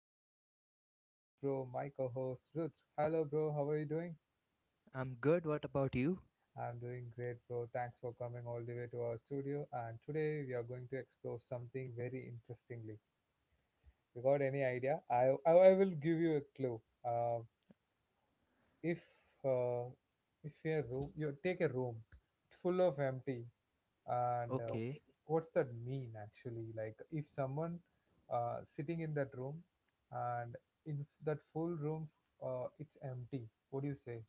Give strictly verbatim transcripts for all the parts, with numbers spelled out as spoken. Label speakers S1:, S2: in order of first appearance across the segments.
S1: and joining with me my bro, my co-host Ruth. Hello bro, how are you doing?
S2: I'm good. What about you?
S1: I'm doing great bro. Thanks for coming all the way to our studio and today we are going to explore something very interestingly. You got any idea? I I, I will give you a clue. Uh, if uh, if your room you take a room full of empty and uh,
S2: Okay.
S1: what's that mean actually like if someone uh, sitting in that room and in that full room uh, it's empty what do you say?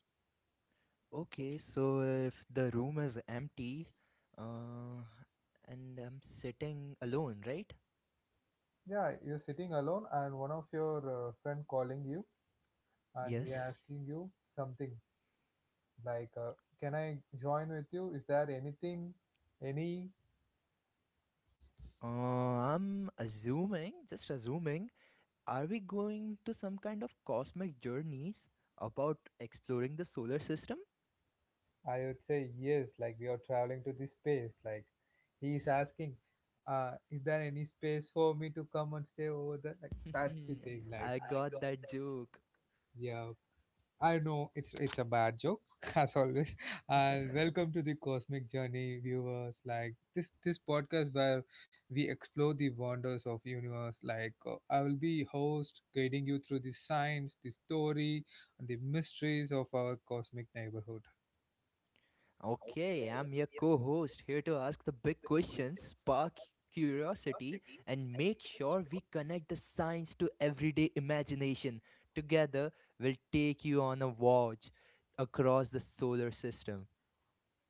S2: Okay. So if the room is empty, uh, and I'm sitting alone, right?
S1: Yeah, you're sitting alone and one of your uh, friend calling you and he
S2: Yes.
S1: asking you something like uh, can I join with you, is there anything, any?
S2: Uh, I'm assuming, just assuming, are we going to some kind of cosmic journeys about exploring the solar system?
S1: I would say yes, like we are traveling to the space. Like he is asking, uh, is there any space for me to come and stay over there? Like that's the thing. Like
S2: I got that joke.
S1: yeah, I know it's it's a bad joke as always. And welcome to the cosmic journey, viewers. Like this this podcast where we explore the wonders of universe. Like uh, I will be host guiding you through the science, the story, and the mysteries of our cosmic neighborhood.
S2: Okay, I'm your co host here to ask the big questions, spark curiosity, and make sure we connect the science to everyday imagination. Together, we'll take you on a voyage across the solar system.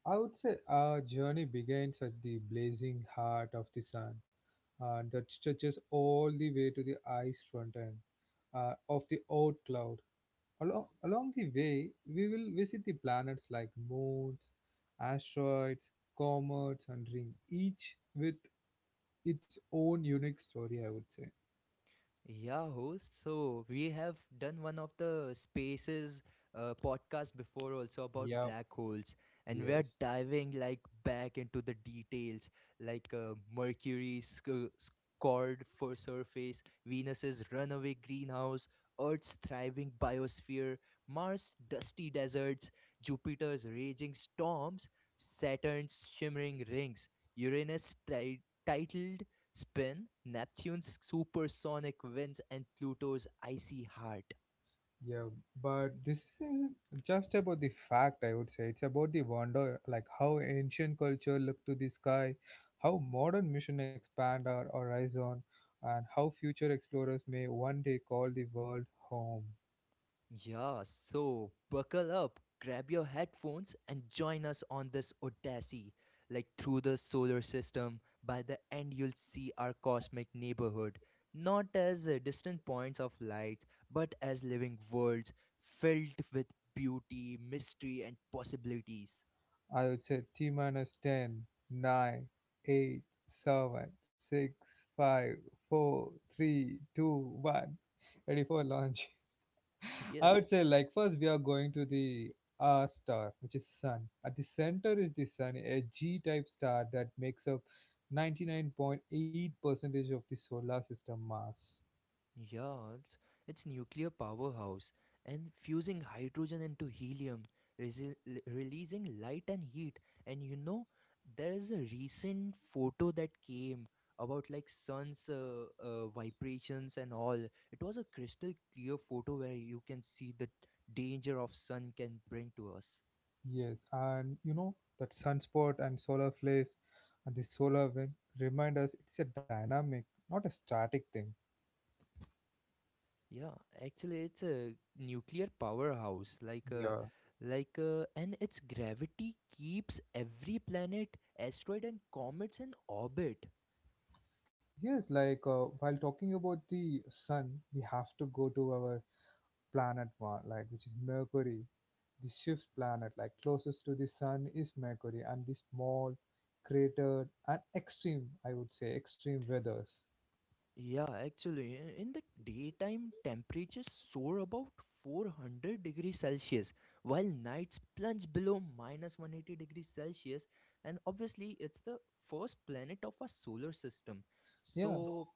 S1: I would say our journey begins at the blazing heart of the sun, and that stretches all the way to the ice front end uh, of the old cloud. Along, along the way, we will visit the planets like moons, asteroids, comets, and rings, each with its own unique story, I would say.
S2: Yeah, host. So we have done one of the spaces uh, podcast before also about
S1: Yep,
S2: black holes, and we
S1: yes.
S2: are diving like back into the details, like uh, Mercury's sc- scored for surface, Venus's runaway greenhouse, Earth's thriving biosphere, Mars' dusty deserts, Jupiter's raging storms, Saturn's shimmering rings, Uranus' ti- titled spin, Neptune's supersonic winds, and Pluto's icy heart.
S1: Yeah, but this isn't just about the fact, I would say. It's about the wonder, like how ancient culture looked to the sky, how modern mission expand our horizon, and how future explorers may one day call the world home.
S2: Yeah, so buckle up, grab your headphones, and join us on this odyssey. Like through the solar system, by the end, you'll see our cosmic neighborhood, not as uh, distant points of light, but as living worlds filled with beauty, mystery, and possibilities.
S1: I would say T minus ten, nine, eight, seven, six, five, four, three, two, one. Ready for launch. I
S2: Yes.
S1: would say like first we are going to the R star, which is Sun. At the center is the Sun, a G-type star that makes up ninety-nine point eight percentage of the solar system mass.
S2: Yeah, it's, it's nuclear powerhouse and fusing hydrogen into helium, resi- l- releasing light and heat. And you know, there is a recent photo that came about like sun's uh, uh, vibrations and all. It was a crystal clear photo where you can see the danger of sun can bring to us.
S1: Yes, and you know that sunspot and solar flares and the solar wind remind us it's a dynamic, not a static thing.
S2: Yeah, actually, it's a nuclear powerhouse, like a,
S1: Yeah.
S2: like a, and its gravity keeps every planet, asteroid, and comets in orbit.
S1: Yes, like uh, while talking about the sun, we have to go to our planet one, like which is Mercury. The fifth planet, like closest to the sun, is Mercury, and the small, cratered, and extreme, I would say, extreme weathers.
S2: Yeah, actually, i- in the daytime, temperatures soar about four hundred degrees Celsius, while nights plunge below minus one hundred eighty degrees Celsius. And obviously, it's the first planet of our solar system.
S1: Yeah,
S2: So,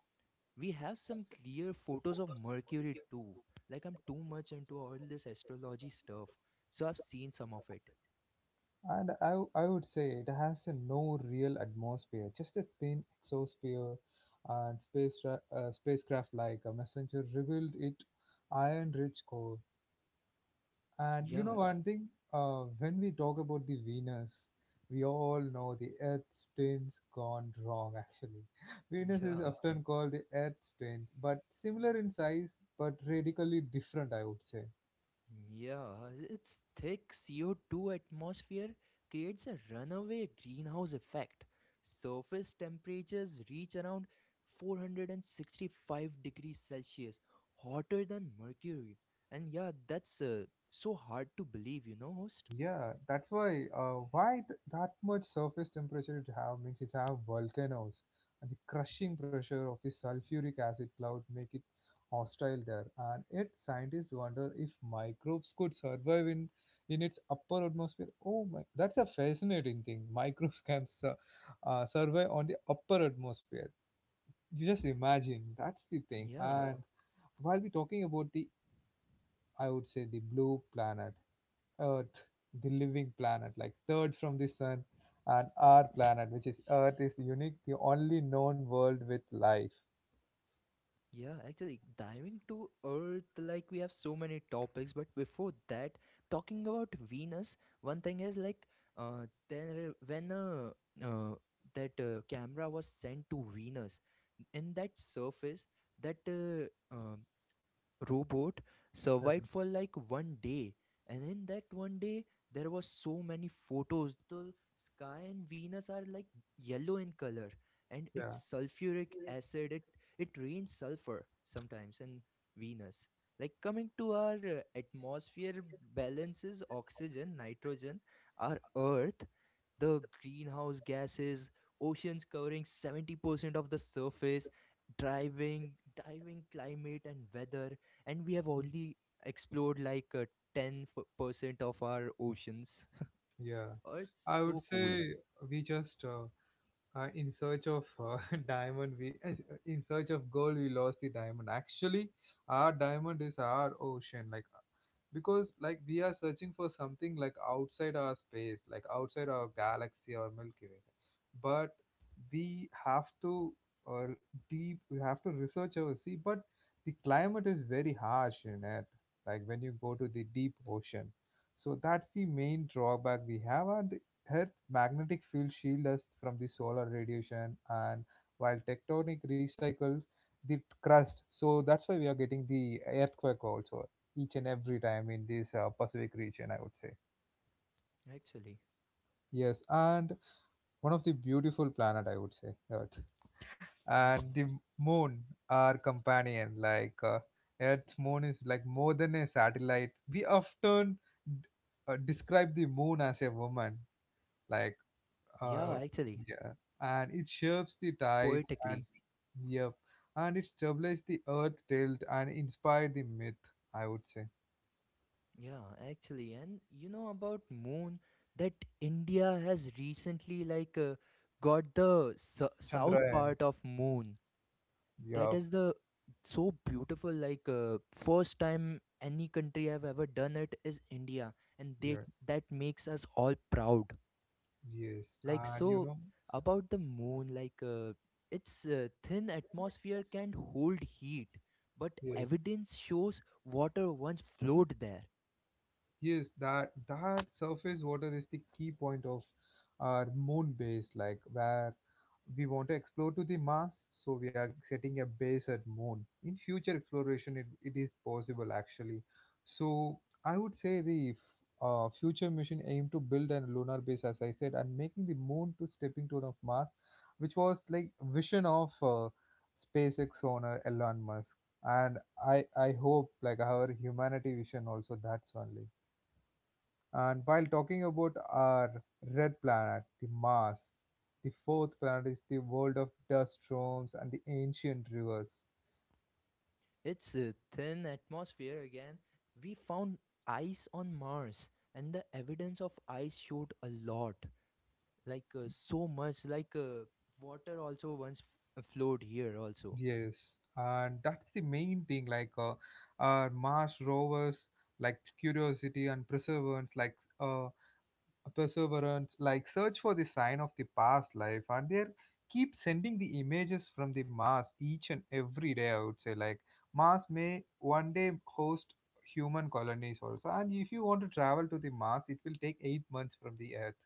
S2: we have some clear photos of mercury too, like I'm too much into all this astrology stuff, so I've seen some of it.
S1: and I, w- I would say it has a no real atmosphere, just a thin exosphere, and space tra- uh, spacecraft like a messenger revealed it iron-rich core. And you know
S2: Yeah.
S1: one thing, uh, when we talk about the Venus, we all know the Earth's twins gone wrong. Actually, Venus is
S2: Yeah.
S1: often called the Earth's twins, but similar in size, but radically different, I would say.
S2: Yeah, its thick c o two atmosphere creates a runaway greenhouse effect. Surface temperatures reach around four hundred sixty-five degrees celsius, hotter than mercury. And yeah, that's uh, so hard to believe, you know, host.
S1: Yeah, that's why. Uh, why th- that much surface temperature it have means it have volcanoes, and the crushing pressure of the sulfuric acid cloud make it hostile there. And yet scientists wonder if microbes could survive in in its upper atmosphere. Oh my, that's a fascinating thing. Microbes can su- uh, survive on the upper atmosphere. You just imagine. That's the thing.
S2: Yeah.
S1: And while we're talking about the, I would say, the blue planet Earth, the living planet, like third from the sun, and our planet, which is Earth, is unique, the only known world with life.
S2: Yeah, actually, diving to Earth, like we have so many topics, but before that, talking about Venus, one thing is, like, uh, there when uh, uh that uh, camera was sent to Venus. In that surface, that uh, um robot
S1: Yeah,
S2: survived for like one day. And in that one day, there was so many photos. The sky and Venus are like yellow in color, and
S1: yeah,
S2: it's sulfuric acid. It it rains sulfur sometimes in Venus. Like coming to our uh, atmosphere, balances oxygen, nitrogen. Our earth, the greenhouse gases, oceans covering seventy percent of the surface, driving driving climate and weather. And we have only explored like uh, ten percent of our oceans.
S1: yeah.
S2: Oh, it's
S1: I would
S2: so cool.
S1: say we just uh, uh, in search of uh, diamond we uh, in search of gold we lost the diamond. Actually, our diamond is our ocean, like uh, because like we are searching for something like outside our space, like outside our galaxy or milky way, but we have to uh, deep, we have to research our sea, but the climate is very harsh in it, like when you go to the deep ocean. So that's the main drawback we have, and Earth's magnetic field shields us from the solar radiation, and while tectonic recycles the crust, so that's why we are getting the earthquake also each and every time in this uh, Pacific region, I would say.
S2: Actually.
S1: Yes, and one of the beautiful planet, I would say, Earth,
S2: Yeah.
S1: and the moon, our companion, like. Uh, Earth's moon is like more than a satellite. We often uh, describe the moon as a woman, like.
S2: Yeah,
S1: Uh,
S2: actually.
S1: Yeah. yeah, and it shapes the tides, and
S2: Poetically.
S1: yep, and it stabilizes the earth tilt and inspired the myth, I would say.
S2: Yeah, actually, and you know about moon that India has recently, like uh, got the su- south
S1: Chandrayaan.
S2: part of moon. That
S1: Yep.
S2: is the so beautiful. Like uh, first time any country have ever done it is India. And they,
S1: Yeah.
S2: that makes us all proud.
S1: Yes,
S2: Like,
S1: and you
S2: so
S1: know,
S2: about the moon, like uh, its uh, thin atmosphere can hold heat, but
S1: yes,
S2: evidence shows water once flowed there.
S1: yes. That that surface water is the key point of our moon base, like where we want to explore to the Mars, so we are setting a base at Moon. In future exploration, it, it is possible actually. So I would say the f- uh, future mission aim to build a lunar base, as I said, and making the Moon to stepping stone of Mars, which was like vision of uh, SpaceX owner Elon Musk. And I I hope like our humanity vision also, that's only. And while talking about our red planet, the Mars, the fourth planet is the world of dust storms and the ancient rivers.
S2: Its uh, thin atmosphere again, we found ice on Mars, and the evidence of ice showed a lot, like uh, so much, like uh, water also once f- flowed here also.
S1: Yes, and that's the main thing. Like uh, our Mars rovers, like Curiosity and Perseverance, like uh, perseverance, like search for the sign of the past life, and they keep sending the images from the Mars each and every day. I would say, like Mars may one day host human colonies also, and if you want to travel to the Mars, it will take eight months from the Earth,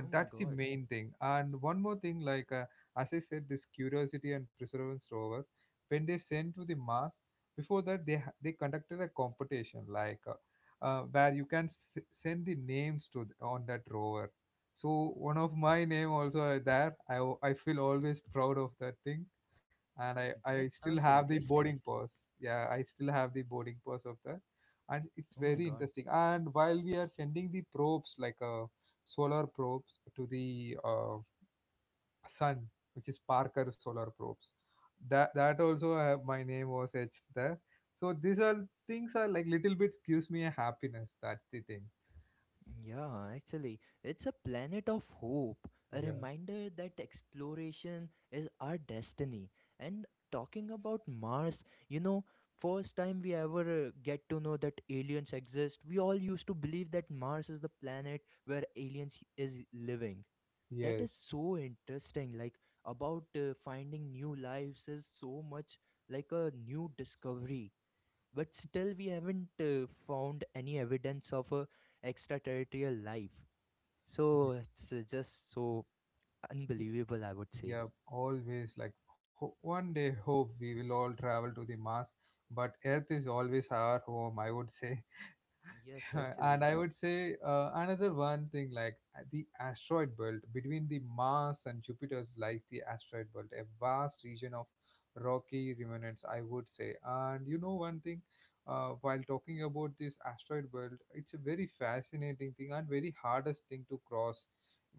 S2: Oh my
S1: that's the
S2: god.
S1: main thing. And one more thing, like uh, as I said, this curiosity and perseverance rover, when they sent to the mars, before that they ha- they conducted a competition, like uh, uh, where you can s- send the names to th- on that rover. So one of my name also are there. i, al- I feel always proud of that thing, and I, I
S2: That
S1: still
S2: sounds
S1: have the
S2: interesting.
S1: boarding pass. Yeah, I still have the boarding pass of that, and it's
S2: Oh my
S1: very
S2: god.
S1: interesting. And while we are sending the probes, like uh, solar probes to the uh, sun, which is Parker Solar Probes, that that also I have, my name was etched there. So these are things are like little bit gives me a happiness. That's the thing.
S2: Yeah, actually, it's a planet of hope, a
S1: Yeah.
S2: reminder that exploration is our destiny. And talking about Mars, you know, first time we ever uh, get to know that aliens exist, we all used to believe that Mars is the planet where aliens is living. That is
S1: Yes.
S2: so interesting. Like about uh, finding new lives is so much like a new discovery. But still we haven't uh, found any evidence of uh, extraterrestrial life. So
S1: Yes.
S2: it's uh, just so unbelievable, I would say.
S1: Yep, always like ho- one day hope we will all travel to the Mars, but Earth is always our home, I would say.
S2: Yes,
S1: And
S2: actually.
S1: I would say uh, another one thing, like uh, the asteroid belt between the Mars and Jupiter lies the asteroid belt, a vast region of rocky remnants, I would say. And you know one thing, uh, while talking about this asteroid belt, it's a very fascinating thing and very hardest thing to cross.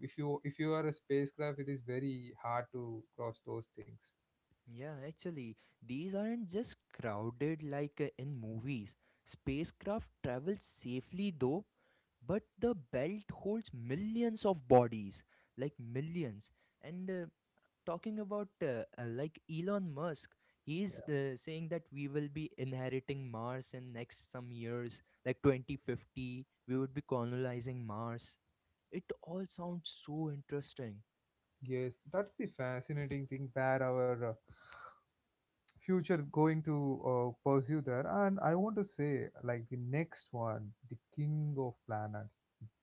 S1: If you if you are a spacecraft, it is very hard to cross those things.
S2: Yeah, actually, these aren't just crowded, like uh, in movies. Spacecraft travel safely, though, but the belt holds millions of bodies, like millions. And uh, talking about uh, uh, like Elon Musk,
S1: Yeah.
S2: he's uh, saying that we will be inheriting Mars in next some years, like twenty fifty, we would be colonizing Mars. It all sounds so interesting.
S1: Yes, that's the fascinating thing where our uh, future going to uh, pursue there. And I want to say like the next one, the king of planets,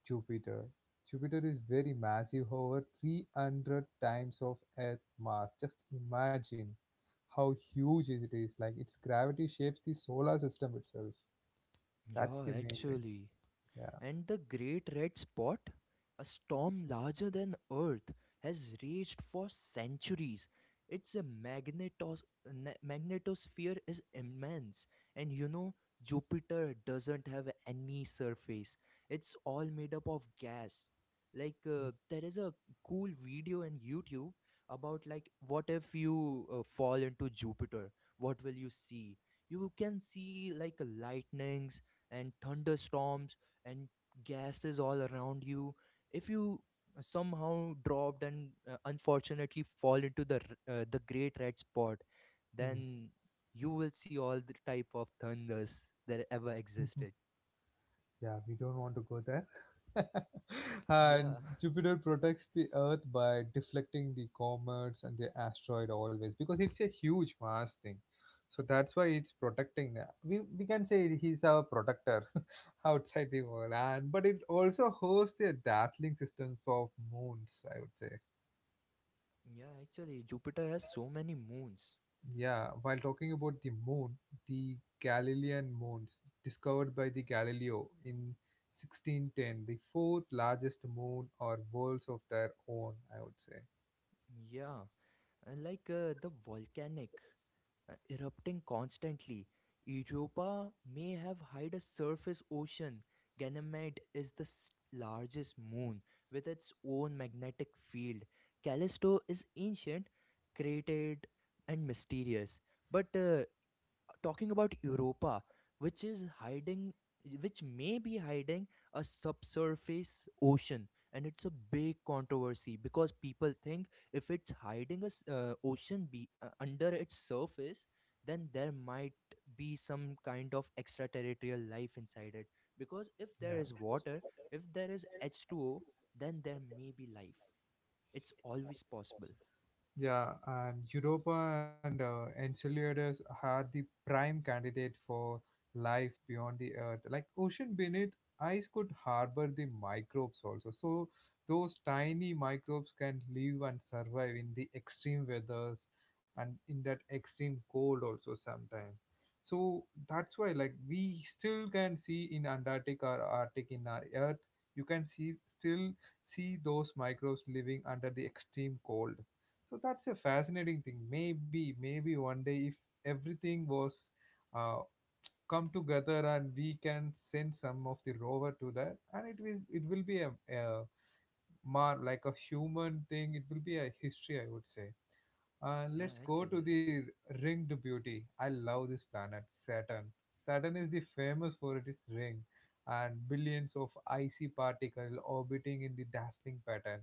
S1: jupiter. Jupiter is very massive, over three hundred times of earth mass. Just imagine how huge it is, like its gravity shapes the solar system itself. That's
S2: Yeah,
S1: the main thing.
S2: actually.
S1: Yeah.
S2: And the great red spot, a storm larger than Earth, has raged for centuries. Its magnetos- na- magnetosphere is immense. And you know, Jupiter doesn't have any surface. It's all made up of gas. Like, uh, there is a cool video on YouTube about, like, what if you uh, fall into Jupiter? What will you see? You can see, like, lightnings and thunderstorms and gases all around you, if you somehow dropped, and uh, unfortunately fall into the r- uh, the great red spot.
S1: Hmm.
S2: Then you will see all the type of thunders that ever existed.
S1: Yeah, we don't want to go there. And
S2: Yeah.
S1: Jupiter protects the Earth by deflecting the comets and the asteroid always, because it's a huge mass thing. So that's why it's protecting. uh, We, we can say he's our protector outside the world, and but it also hosts a dazzling system of moons, I would say.
S2: Yeah, actually, Jupiter has so many moons.
S1: Yeah, while talking about the moon, the Galilean moons, discovered by the Galileo in sixteen ten, the fourth largest moon or worlds of their own, I would say.
S2: Yeah. And like uh, the volcanic uh, erupting constantly. Europa may have hide a surface ocean. Ganymede is the s- largest moon with its own magnetic field. Callisto is ancient, created, and mysterious. But uh, talking about Europa, which is hiding, which may be hiding a subsurface ocean. And it's a big controversy because people think if it's hiding a s- uh, ocean be uh, under its surface, then there might be some kind of extraterrestrial life inside it. Because if
S1: Yeah.
S2: there is water, if there is H two O, then there may be life. It's always possible.
S1: Yeah, and Europa and uh, Enceladus are the prime candidate for life beyond the Earth. Like ocean beneath, ice could harbor the microbes also. So those tiny microbes can live and survive in the extreme weathers and in that extreme cold also sometimes. So that's why, like we still can see in Antarctic or Arctic in our Earth, you can see still see those microbes living under the extreme cold. So that's a fascinating thing. Maybe, maybe one day, if everything was uh, come together and we can send some of the rover to that, and it will it will be a, a more like a human thing. It will be a history, I would say. Uh,
S2: Yeah,
S1: let's go to
S2: actually.
S1: the ringed beauty. I love this planet, Saturn. Saturn is the famous for its ring and billions of icy particles orbiting in the dazzling pattern.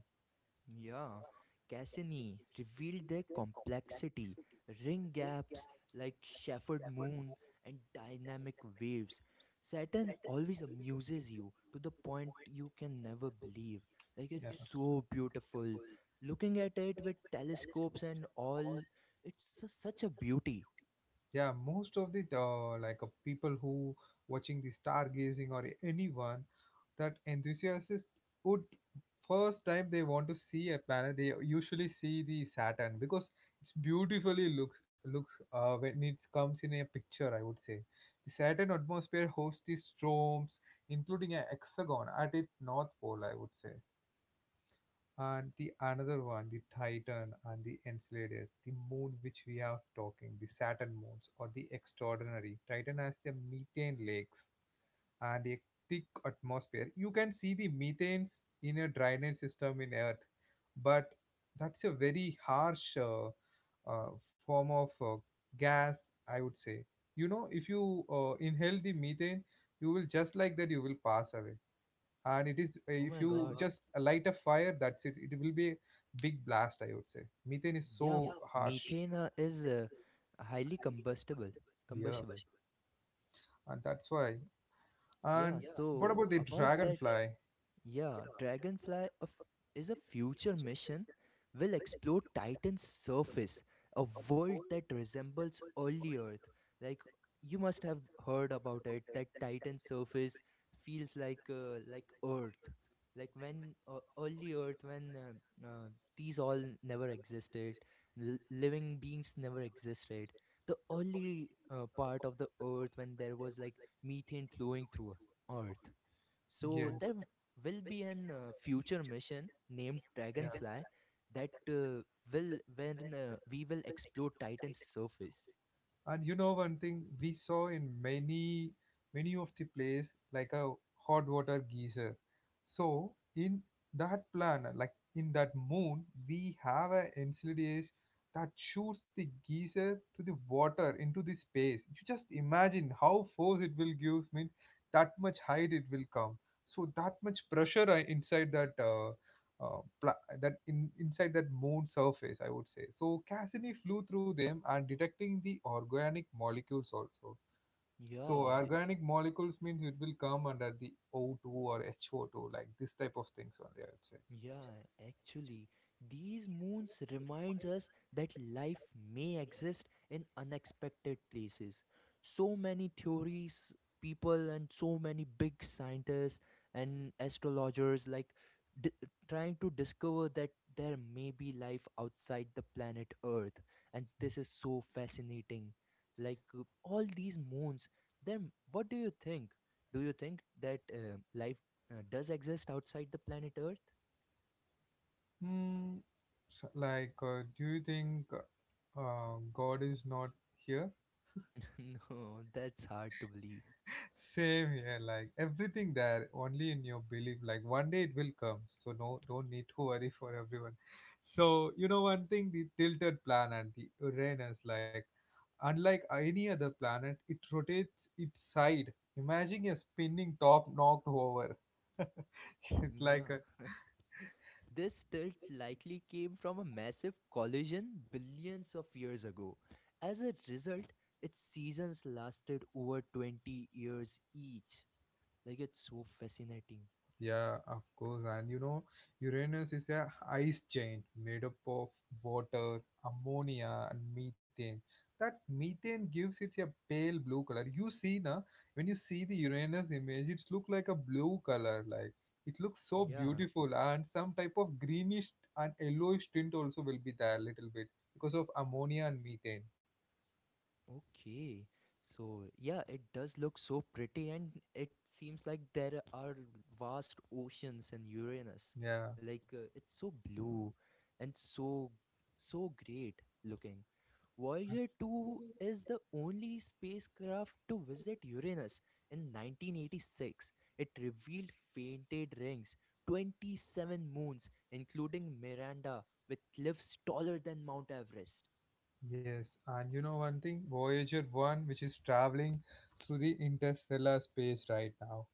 S2: Yeah, Cassini revealed their complexity, ring gaps like Shepherd Moon, and dynamic waves. Saturn always amuses you to the point you can never believe. Like it's
S1: Yeah.
S2: so beautiful. Looking at it with telescopes and all, it's su- such a beauty.
S1: Yeah, most of the uh, like uh, people who watching the stargazing, or anyone that enthusiast would, first time they want to see a planet, they usually see the Saturn because it's beautifully looks looks uh, when it comes in a picture, I would say. The Saturn atmosphere hosts the storms, including a hexagon at its north pole, I would say. And the another one, the Titan and the Enceladus, the moon which we are talking, the Saturn moons or the extraordinary. Titan has the methane lakes and a thick atmosphere. You can see the methane's in a drainage system in Earth, but that's a very harsh uh, uh, form of uh, gas, I would say. You know, if you uh, inhale the methane, you will just like that you will pass away. And it is eh,
S2: Oh
S1: if, oh,
S2: my god.
S1: you just light a fire, that's it, it will be a big blast, I would say. Methane is so
S2: Yeah, m-
S1: harsh.
S2: methane uh, is uh, highly combustible.
S1: Yeah,
S2: Combustible.
S1: and that's why,
S2: Yeah,
S1: and what
S2: so
S1: about the, so
S2: about that.
S1: Dragonfly, so?
S2: Yeah, Dragonfly of- is a future mission. Will explore Titan's surface, a world that resembles early Earth. Like, you must have heard about it, that Titan's surface feels like uh, like Earth. Like when uh, early Earth, when uh, uh, these all never existed, l- living beings never existed. The early uh, part of the Earth, when there was like methane flowing through Earth. So
S1: Yes.
S2: there will be an uh, future mission named
S1: Yeah.
S2: Dragonfly that uh, will when uh, we will explore Titan's surface.
S1: And you know one thing, we saw in many many of the place like a hot water geyser. So in that planet, like in that moon, we have a insidious that shoots the geyser to the water into the space. You just imagine how force it will give, means that much height it will come. So that much pressure uh, inside that uh, uh, pla- that in, inside that moon surface, I would say. So Cassini flew through them and detecting the organic molecules also. So
S2: Yeah, the,
S1: organic molecules means it will come under the O two or H O two, like this type of things only, I would say.
S2: Yeah, actually, these moons reminds us that life may exist in unexpected places. So many theories, people, and so many big scientists and astrologers, like d- trying to discover that there may be life outside the planet Earth. And this is so fascinating. Like uh, all these moons, then what do you think? Do you think that uh, life uh, does exist outside the planet Earth?
S1: Hmm. So, like, uh, do you think uh, God is not here?
S2: No, that's hard to believe.
S1: Same here, like everything there, only in your belief. Like one day it will come, so no, don't need to worry for everyone. So you know one thing, the tilted planet, the Uranus, like unlike any other planet, it rotates its side. Imagine a spinning top knocked over. It's like
S2: Yeah.
S1: a,
S2: This tilt likely came from a massive collision billions of years ago. As a result, its seasons lasted over twenty years each. Like, it's so fascinating.
S1: yeah, of course. And you know, Uranus is a ice giant made up of water, ammonia, and methane. That methane gives it a pale blue color. You see, na, when you see the Uranus image, it's look like a blue color. Like it looks so
S2: Yeah.
S1: beautiful, and some type of greenish and yellowish tint also will be there a little bit because of ammonia and methane.
S2: Okay, so yeah, it does look so pretty, and it seems like there are vast oceans in Uranus.
S1: Yeah.
S2: Like uh, it's so blue and so so great looking.
S1: and-
S2: Voyager two is the only spacecraft to visit Uranus in nineteen eighty-six. It revealed fainted rings, twenty-seven moons, including Miranda, with cliffs taller than Mount Everest.
S1: Yes, and you know one thing, Voyager one, which is traveling through the interstellar space right now.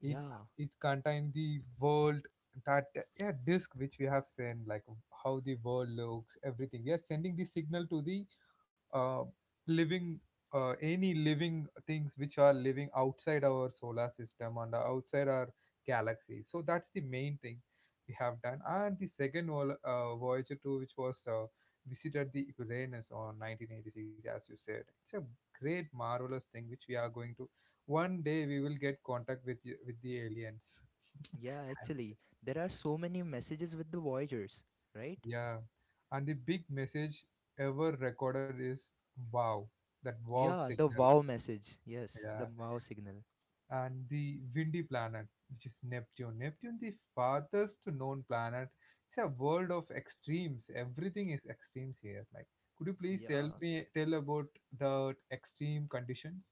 S1: it
S2: Yeah.
S1: it contains the world that, yeah, disk which we have seen, like how the world looks, everything we are sending the signal to the uh, living uh, any living things which are living outside our solar system and outside our galaxy. So that's the main thing we have done. And the second vol- uh, Voyager two, which was uh, visited the Uranus on nineteen eighty-six, as you said, it's a great marvelous thing which we are going to, one day we will get contact with y- with the aliens.
S2: Yeah, actually, there are so many messages with the Voyagers, right?
S1: Yeah, and the big message ever recorded is wow, that wow
S2: Yeah, the
S1: signal.
S2: wow message. Yes,
S1: Yeah,
S2: the wow signal.
S1: and the windy planet, which is Neptune. Neptune, the farthest known planet, it's a world of extremes. Everything is extremes here. Like, could you please tell
S2: Yeah.
S1: me tell about the extreme conditions?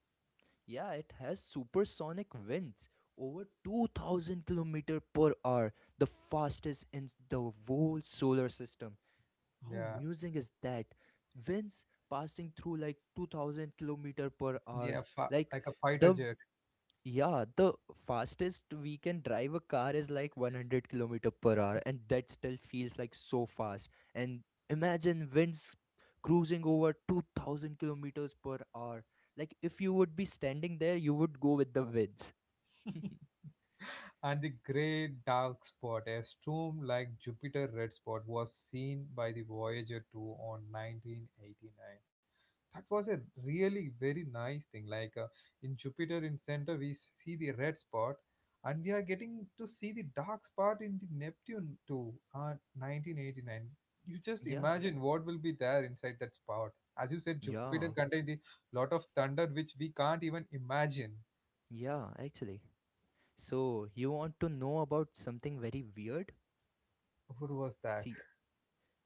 S2: Yeah, it has supersonic winds over two thousand kilometer per hour, the fastest in the whole solar system. How
S1: Yeah,
S2: amusing is that? Winds passing through like two thousand kilometer per
S1: it's near
S2: hours.
S1: fi-
S2: Like
S1: like a fighter
S2: the
S1: jet.
S2: Yeah, the fastest we can drive a car is like one hundred kilometer per hour, and that still feels like so fast. And imagine winds cruising over two thousand kilometers per hour. Like, if you would be standing there, you would go with the winds.
S1: And the great dark spot, a storm like Jupiter red spot, was seen by the Voyager two on nineteen eighty-nine. That was a really very nice thing, like uh, in Jupiter in center we see the red spot, and we are getting to see the dark spot in the Neptune too, uh, nineteen eighty-nine. You just
S2: Yeah,
S1: imagine what will be there inside that spot. As you said, Jupiter
S2: yeah,
S1: contains a lot of thunder which we can't even imagine.
S2: yeah, actually. So, you want to know about something very weird?
S1: What was that?
S2: See,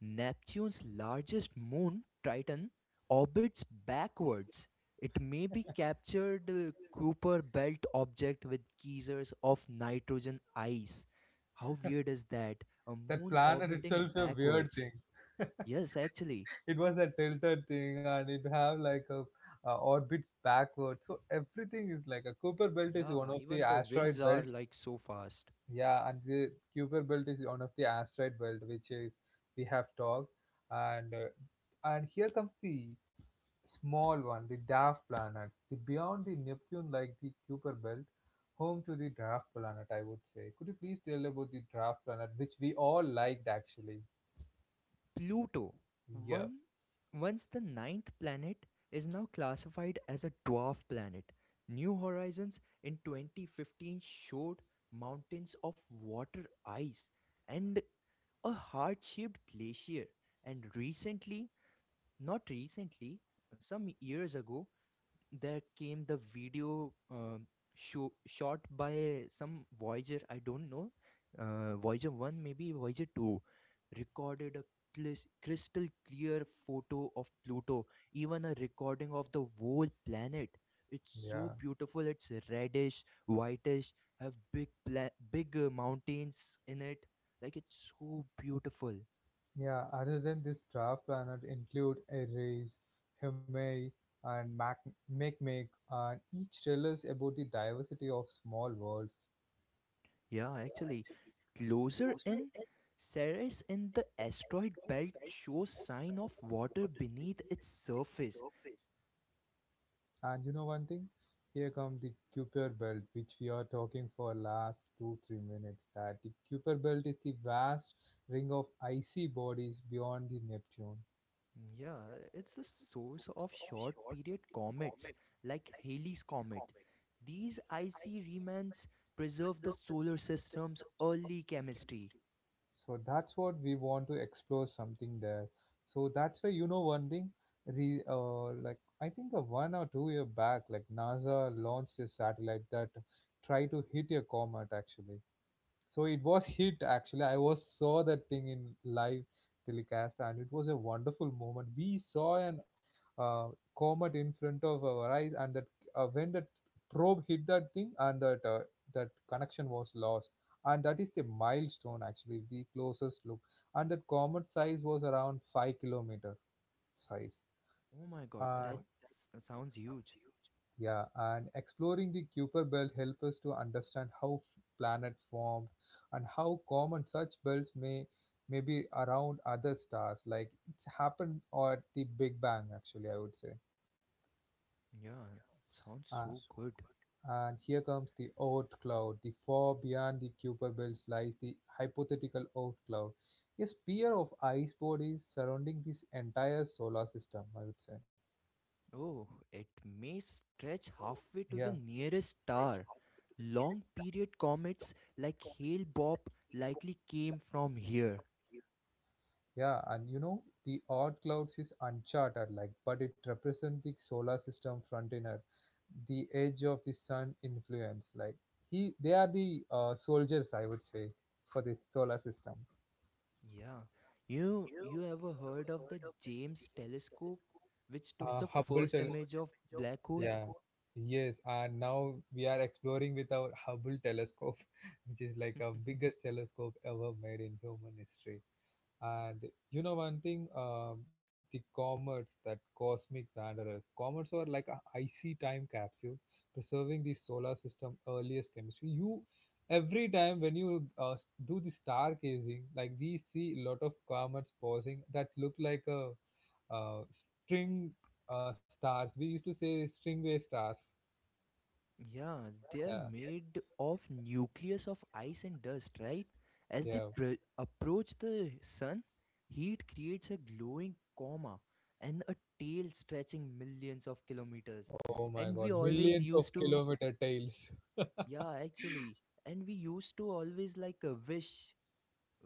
S2: Neptune's largest moon, Triton, orbits backwards. It may be captured uh, Cooper belt object with geysers of nitrogen ice. How weird is that? A
S1: That
S2: moon
S1: planet
S2: orbiting
S1: itself a weird
S2: backwards.
S1: thing.
S2: Yes, actually.
S1: It was a tilted thing and it have like a uh, orbits backward. So everything is like a Cooper belt is one
S2: Yeah,
S1: of the
S2: even the winds
S1: asteroid
S2: are
S1: belt.
S2: like so fast.
S1: Yeah, and the Kuiper Belt is one of the asteroid belt which is, we have talked, and uh, and here comes the small one, the dwarf planets, the beyond the Neptune, like the Kuiper Belt, home to the dwarf planet, I would say. Could you please tell about the dwarf planet, which we all liked actually?
S2: Pluto,
S1: Yeah,
S2: once, once the ninth planet, is now classified as a dwarf planet. New Horizons in twenty fifteen showed mountains of water ice and a heart shaped glacier. And recently, not recently, some years ago, there came the video um, show, shot by some Voyager, I don't know, uh, Voyager one, maybe Voyager two, recorded a clis- crystal clear photo of Pluto, even a recording of the whole planet. It's
S1: yeah,
S2: so beautiful. It's reddish, whitish, have big pla- big uh, mountains in it. Like it's so beautiful.
S1: yeah. Other than this, dwarf planet include Eris, Himei, and Mac Makemake, and each tell us about the diversity of small worlds.
S2: Yeah, actually, closer in, Ceres in the asteroid belt shows sign of water beneath its surface.
S1: And you know one thing? Here comes the Kuiper Belt, which we are talking for last two, three minutes. That the Kuiper Belt is the vast ring of icy bodies beyond the Neptune.
S2: Mm, yeah, it's the source of short period comets like Halley's comet. These icy remnants preserve the solar system's early chemistry.
S1: So that's what we want to explore something there. So that's why, you know one thing. Re, uh, like I think a one or two year back, like NASA launched a satellite that tried to hit a comet actually. So it was hit actually, I was saw that thing in live telecast, and it was a wonderful moment. We saw an uh, comet in front of our eyes, and that uh, when that probe hit that thing and that uh, that connection was lost, and that is the milestone actually, the closest look. And that comet size was around five kilometer size.
S2: Oh my
S1: Oh.
S2: god,
S1: And
S2: that s- sounds huge.
S1: yeah, and exploring the Kuiper Belt helps us to understand how f- planet formed, and how common such belts may may be around other stars. Like it's happened at the Big Bang, actually, I would say.
S2: Yeah, it
S1: Uh,
S2: sounds so good.
S1: and here comes the Oort cloud. The far beyond the Kuiper Belt lies the hypothetical Oort cloud, a sphere of ice bodies surrounding this entire solar system, I would say.
S2: Oh, it may stretch halfway
S1: Yeah.
S2: to the nearest star. Long period comets like Hale Bopp likely came from here.
S1: Yeah, and you know, the odd clouds is uncharted like, but it represents the solar system frontier, the edge of the sun influence. Like he, they are the uh, soldiers, I would say, for the solar system.
S2: Yeah. You know, you ever heard of the James telescope, which took
S1: Uh,
S2: the
S1: Hubble,
S2: first
S1: tel-
S2: image of black hole?
S1: yeah, yes, and now we are exploring with our Hubble telescope, which is like a biggest telescope ever made in human history. And you know one thing, uh, the comets that cosmic wanderers. Comets are like a icy time capsule, preserving the solar system earliest chemistry. You every time when you uh, do the stargazing, like we see a lot of comets pausing that look like a uh, string uh, stars. We used to say stringway stars.
S2: Yeah, they're
S1: Yeah,
S2: made of nucleus of ice and dust, right? As they
S1: yeah.
S2: pr- approach the sun, heat creates a glowing coma and a tail stretching millions of kilometers.
S1: Oh
S2: And
S1: my
S2: we
S1: God,
S2: always
S1: millions
S2: used
S1: of
S2: to,
S1: kilometer tails.
S2: yeah, actually, and we used to always like a wish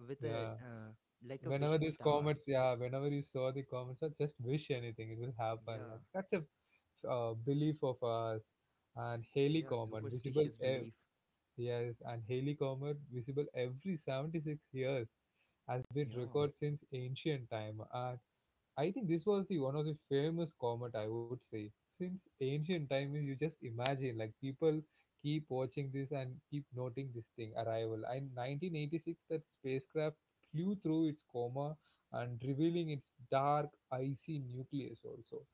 S2: with a,
S1: Yeah.
S2: uh, like a
S1: Whenever
S2: wishing
S1: these
S2: star.
S1: comets, yeah, whenever you saw the comets, I just wish anything it will happen, like
S2: Yeah,
S1: that's a uh, belief of us. And
S2: yeah,
S1: Haley comet
S2: superstitious
S1: visible
S2: belief.
S1: ev- yes, and Haley comet visible every seventy-six years, has been
S2: Yeah.
S1: recorded since ancient time. And I think this was the one of the famous comet, I would say. Since ancient time you just imagine like people keep watching this and keep noting this thing arrival. In nineteen eighty-six that spacecraft flew through its coma and revealing its dark icy nucleus also.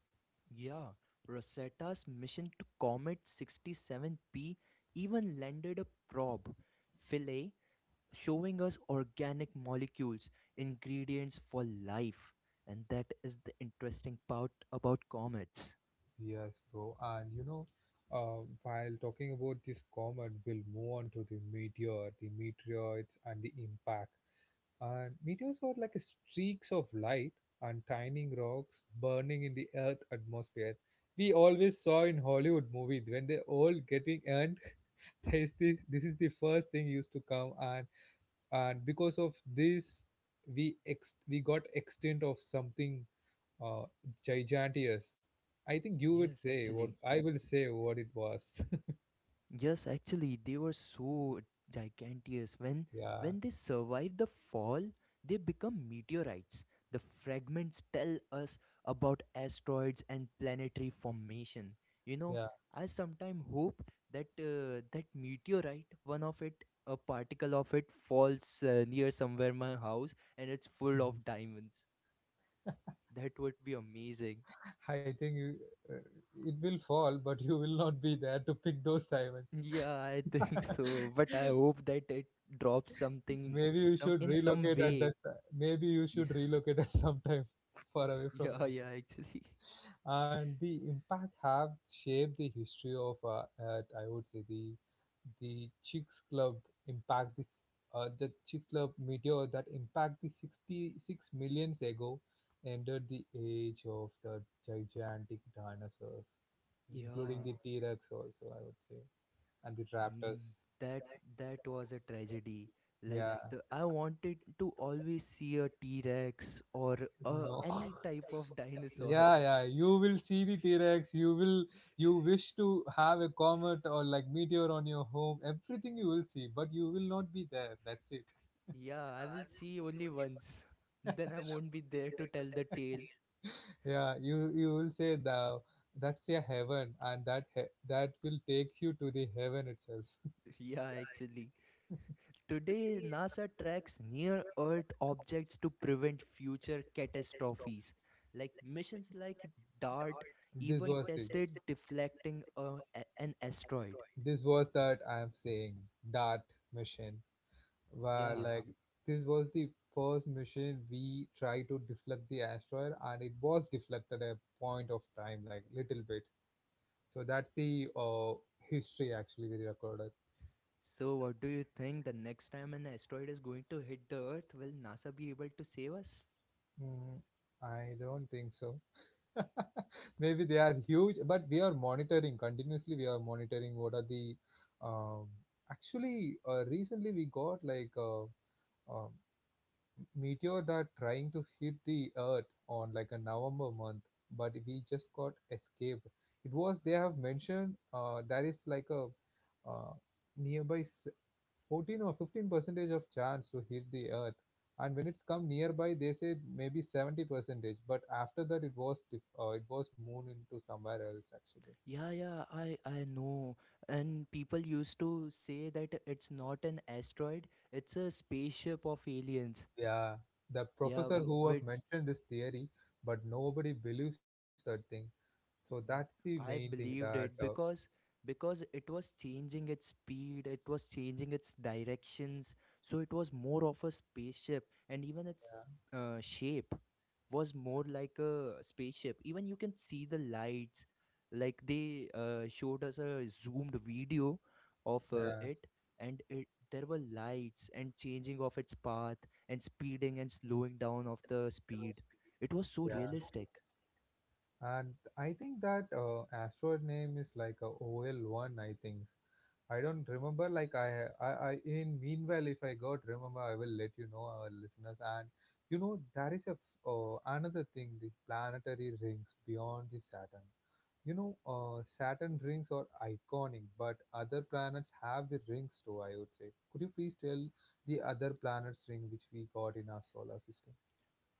S2: Yeah, Rosetta's mission to Comet sixty-seven P even landed a probe, Philae, showing us organic molecules, ingredients for life. And that is the interesting part about comets.
S1: Yes, bro. And you know, uh, while talking about this comet, we'll move on to the meteor, the meteorites and the impact. And meteors are like streaks of light and tiny rocks burning in the Earth atmosphere. We always saw in Hollywood movies when they all getting, and this the this is the first thing used to come. and and because of this we ex we got extent of something uh giganteous. I think you would
S2: Yes,
S1: say, what
S2: actually.
S1: I will say, what it was.
S2: Yes, actually, they were so giganteous. When
S1: Yeah,
S2: when they survive the fall, they become meteorites. The fragments tell us about asteroids and planetary formation. You know,
S1: yeah.
S2: I sometimes hope that uh, that meteorite, one of it, a particle of it, falls uh, near somewhere my house, and it's full
S1: Mhm.
S2: of diamonds. That would be amazing.
S1: I think you, uh, it will fall, but you will not be there to pick those time.
S2: Yeah, I think so. But I hope that it drops something
S1: Maybe you
S2: some
S1: should
S2: in some
S1: relocate at
S2: way.
S1: that. Maybe you
S2: Yeah,
S1: should relocate at some time, far away from
S2: yeah,
S1: your
S2: yeah,
S1: home.
S2: actually.
S1: And the impact have shaped the history of, uh, uh, I would say, the the Chicks Club impact, this uh, the Chicks Club meteor that impact the sixty-six millions ago, ended the age of the gigantic dinosaurs, including
S2: Yeah,
S1: the T Rex also, I would say, and the
S2: mm,
S1: raptors.
S2: that that was a tragedy. Like
S1: Yeah,
S2: the, I wanted to always see a T-Rex or uh, any type of dinosaur.
S1: yeah yeah you will see the T-rex. You will you wish to have a comet or like meteor on your home, everything you will see, but you will not be there, that's it.
S2: Yeah, I will see only once. Then I won't be there to tell the tale.
S1: Yeah, you you will say that that's a heaven, and that he- that will take you to the heaven itself.
S2: Yeah, actually. Today, NASA tracks near Earth objects to prevent future catastrophes. Like missions like DART
S1: This
S2: even
S1: was the,
S2: tested deflecting a, a- an asteroid.
S1: this was that I am saying, that mission where
S2: Yeah.
S1: like, this was the first mission we tried to deflect the asteroid, and it was deflected at a point of time, like little bit. So that's the uh, history actually we recorded.
S2: So, what do you think the next time an asteroid is going to hit the Earth, will NASA be able to save us?
S1: Mm, I don't think so. Maybe they are huge, but we are monitoring continuously. We are monitoring what are the um, actually uh, recently we got like uh, um, meteor that trying to hit the earth on like a November month, but we just got escaped. It was they have mentioned uh, there is like a uh, nearby s- fourteen or fifteen percentage of chance to hit the earth, and when it's come nearby, they said maybe seventy percentage. But after that, it was diff- uh, it was moon into somewhere else actually.
S2: Yeah, yeah, I, I know. And people used to say that it's not an asteroid, it's a spaceship of aliens.
S1: Yeah, the
S2: Yeah,
S1: professor
S2: w-
S1: who have
S2: with
S1: mentioned this theory, but nobody believes that thing. So that's the
S2: Mm,
S1: main thing
S2: I
S1: that
S2: believed
S1: uh,
S2: it because because it was changing its speed, it was changing its directions, so it was more of a spaceship, and even its
S1: yeah.
S2: uh, shape was more like a spaceship. Even you can see the lights, like they uh, showed us a zoomed video of uh,
S1: yeah.
S2: it, and it there were lights and changing of its path and speeding and slowing down of the speed. It was so
S1: Yeah,
S2: realistic.
S1: and I think that uh, asteroid name is like a O L one. I think I don't remember. Like I, I, I in meanwhile, if I got remember, I will let you know our listeners. And you know there is a f- uh, another thing: the planetary rings beyond the Saturn. You know, uh, Saturn rings are iconic, but other planets have the rings too, I would say. Could you please tell the other planets ring which we got in our solar system?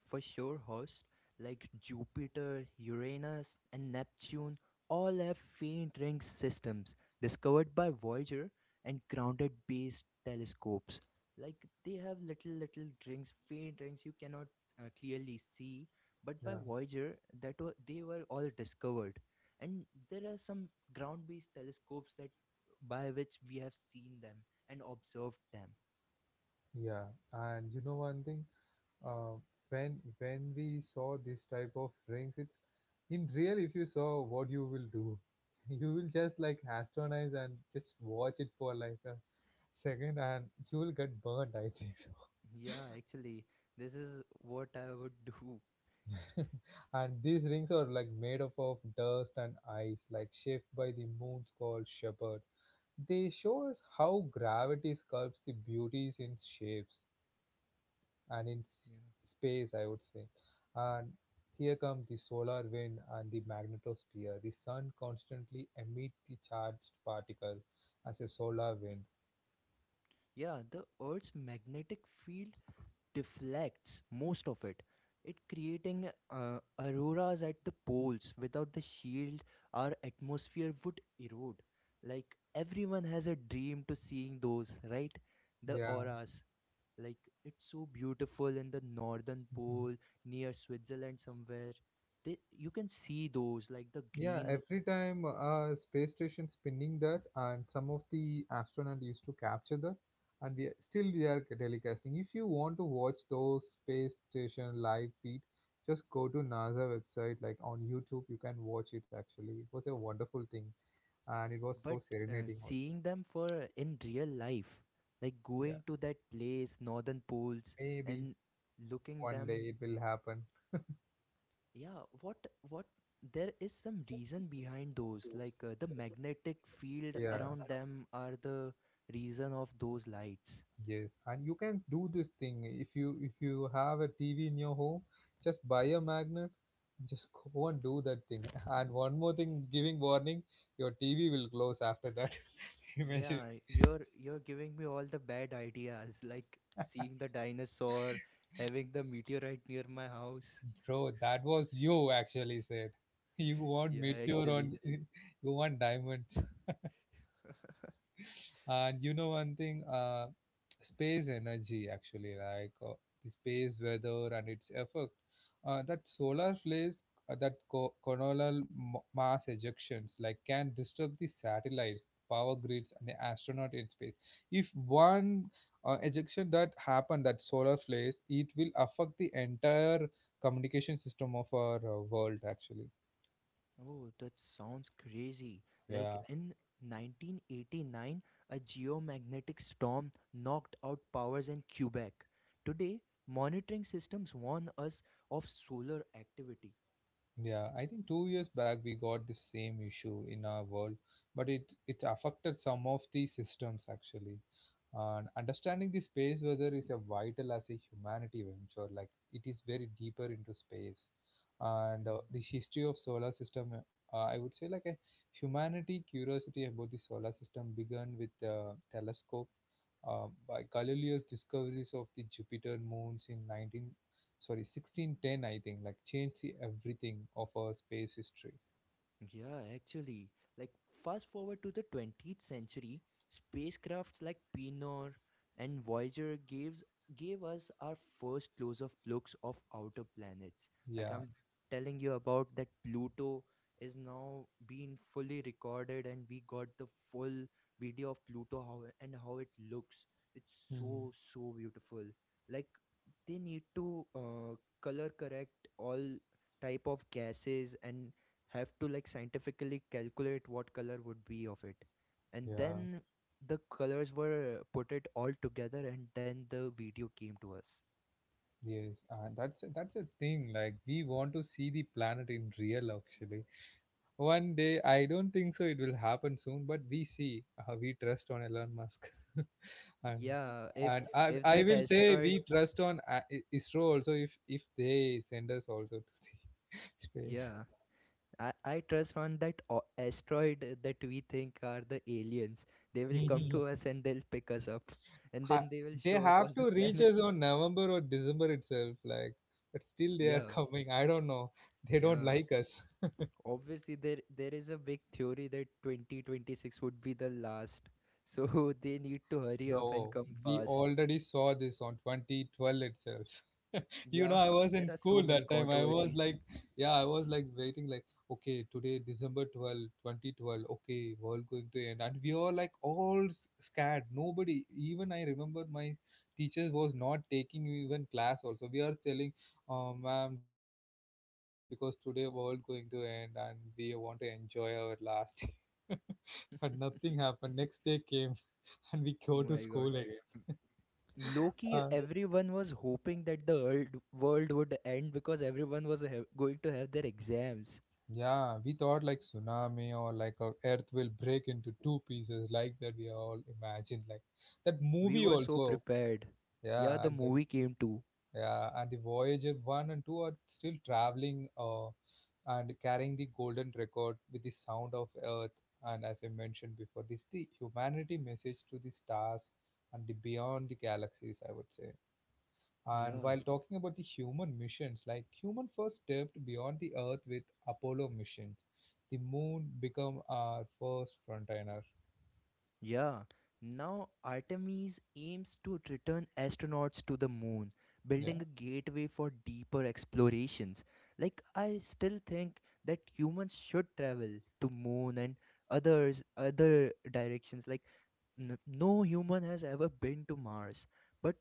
S2: For sure, host like Jupiter, Uranus, and Neptune all have faint ring systems discovered by Voyager and grounded based telescopes. Like they have little, little rings, faint rings you cannot uh, clearly see, but by
S1: Yeah,
S2: Voyager, that wa- they were all discovered. And there are some ground based telescopes that by which we have seen them and observed them.
S1: yeah. And you know one thing? uh, when when we saw this type of rings, it's in real. If you saw, what you will do? You will just like astonize and just watch it for like a second, and you will get burnt, I think.
S2: Yeah, actually, this is what I would do.
S1: So and these rings are like made up of dust and ice, like shaped by the moon's called shepherd. They show us how gravity sculpts the beauties in shapes and in s-
S2: Yeah.
S1: space, I would say. And here come the solar wind and the magnetosphere. The sun constantly emits the charged particle as a solar wind.
S2: Yeah, the Earth's magnetic field deflects most of it. It creating uh, auroras at the poles. Without the shield, our atmosphere would erode. Like everyone has a dream to seeing those, right? The
S1: Yeah.
S2: auras. Like it's so beautiful in the northern
S1: Mhm.
S2: pole near Switzerland somewhere. They, you can see those like the
S1: Yeah,
S2: green,
S1: every time a space station spinning that, and some of the astronaut used to capture that, and we are- still we are telecasting. If you want to watch those space station live feed, just go to NASA website, like on YouTube, you can watch it. Actually, it was a wonderful thing, and it was so
S2: but uh,
S1: serenating also.
S2: seeing them for uh, in real life, like
S1: Yeah,
S2: going to that place northern poles
S1: maybe
S2: and looking
S1: one day
S2: them.
S1: it will happen.
S2: Yeah, what what there is some reason behind those, like, uh, the magnetic field
S1: Yeah,
S2: around them are the reason of those lights.
S1: yes, and you can do this thing. If you if you have a TV in your home, just buy a magnet, just go and do that thing. And one more thing, giving warning: your TV will close after that. Imagine,
S2: Yeah, you're you're giving me all the bad ideas, like seeing the dinosaur, having the meteorite near my house.
S1: bro, that was you actually said. You want
S2: Yeah,
S1: meteor on,
S2: actually.
S1: you want diamonds. And you know one thing, uh, space energy actually, like uh, the space weather and its effect. Uh, that solar flares, uh, that co- coronal m- mass ejections, like, can disturb the satellites, power grids, and the astronaut in space. If one uh, ejection that happened, that solar flares, it will affect the entire communication system of our uh, world actually.
S2: Oh, that sounds crazy.
S1: Yeah.
S2: Like in nineteen eighty-nine, a geomagnetic storm knocked out powers in Quebec. Today, monitoring systems warn us of solar activity.
S1: Yeah, I think two years back we got the same issue in our world, but it it affected some of the systems actually. And understanding the space weather is a vital as a humanity venture. Like, it is very deeper into space, and uh,
S2: Hmm.
S1: the history of solar system. Uh, I would say, like, a humanity curiosity about the solar system began with the telescope uh, by Galileo's discoveries of the Jupiter moons in nineteen, sorry, sixteen ten, I think, like, changed the everything of our space history.
S2: Yeah, actually, like fast forward to the twentieth century, spacecrafts like Pioneer and Voyager gives gave us our first close-up looks of outer planets. Like
S1: Yeah.
S2: I'm telling you about that Pluto is now being fully recorded and we got the full video of Pluto, how and how it looks. It's
S1: Hmm.
S2: so so beautiful. Like they need to uh, color correct all type of gases and have to like scientifically calculate what color would be of it, and
S1: Yeah,
S2: then the colors were put it all together and then the video came to us.
S1: yes, and that's that's a thing, like, we want to see the planet in real actually. One day, I don't think so it will happen soon, but we see, uh, we trust on Elon Musk. And
S2: Yeah, if
S1: and i
S2: if that
S1: i will say
S2: asteroid,
S1: we trust on uh, I- ISRO also, if if they send us also to the space.
S2: yeah, i i trust on that o- asteroid, uh, that we think are the aliens. They will come to us and they'll pick us up, and
S1: Ha-
S2: then they will
S1: they
S2: show us all
S1: have
S2: the
S1: to reach
S2: planet.
S1: us on November or December itself, like, but still they are
S2: Yeah,
S1: coming. I don't know. They don't
S2: yeah,
S1: like us.
S2: obviously, there there is a big theory that twenty twenty-six would be the last. So they need to hurry up and
S1: Bro,
S2: come
S1: we
S2: fast.
S1: already saw this on twenty twelve itself. You know,
S2: Yeah,
S1: I was in
S2: there are so
S1: school that
S2: many
S1: time. I was
S2: controversies.
S1: like, yeah, I was like waiting like, okay, today December twelfth, twenty twelve, okay, world going to end, and we all like all s- scared. Nobody, even I remember my teachers was not taking even class also. We are telling, oh ma'am, don't take the class because today world going to end and we want to enjoy our last day. But nothing happened. Next day came. And we
S2: Oh
S1: go to
S2: my god,
S1: school again.
S2: loki, everyone was hoping that the world, world would end because everyone was ha- going to have their exams.
S1: Yeah, we thought like tsunami or like a earth will break into two pieces, like that we all imagined, like that
S2: We
S1: movie
S2: were so
S1: also.
S2: prepared. Yeah,
S1: Yeah,
S2: the
S1: and the,
S2: movie came too.
S1: yeah, and the Voyager one and two are still traveling, uh, and carrying the golden record with the sound of earth, and as I mentioned before this, the humanity message to the stars and the beyond the galaxies, I would say. And
S2: Yeah.
S1: while talking about the human missions, like, human first stepped beyond the Earth with Apollo missions, the moon become our first frontliner.
S2: Yeah, now Artemis aims to return astronauts to the moon,
S1: Yeah,
S2: building a gateway for deeper explorations. Like I still think that humans should travel to moon and others other directions. Like n- no human has ever been to Mars, but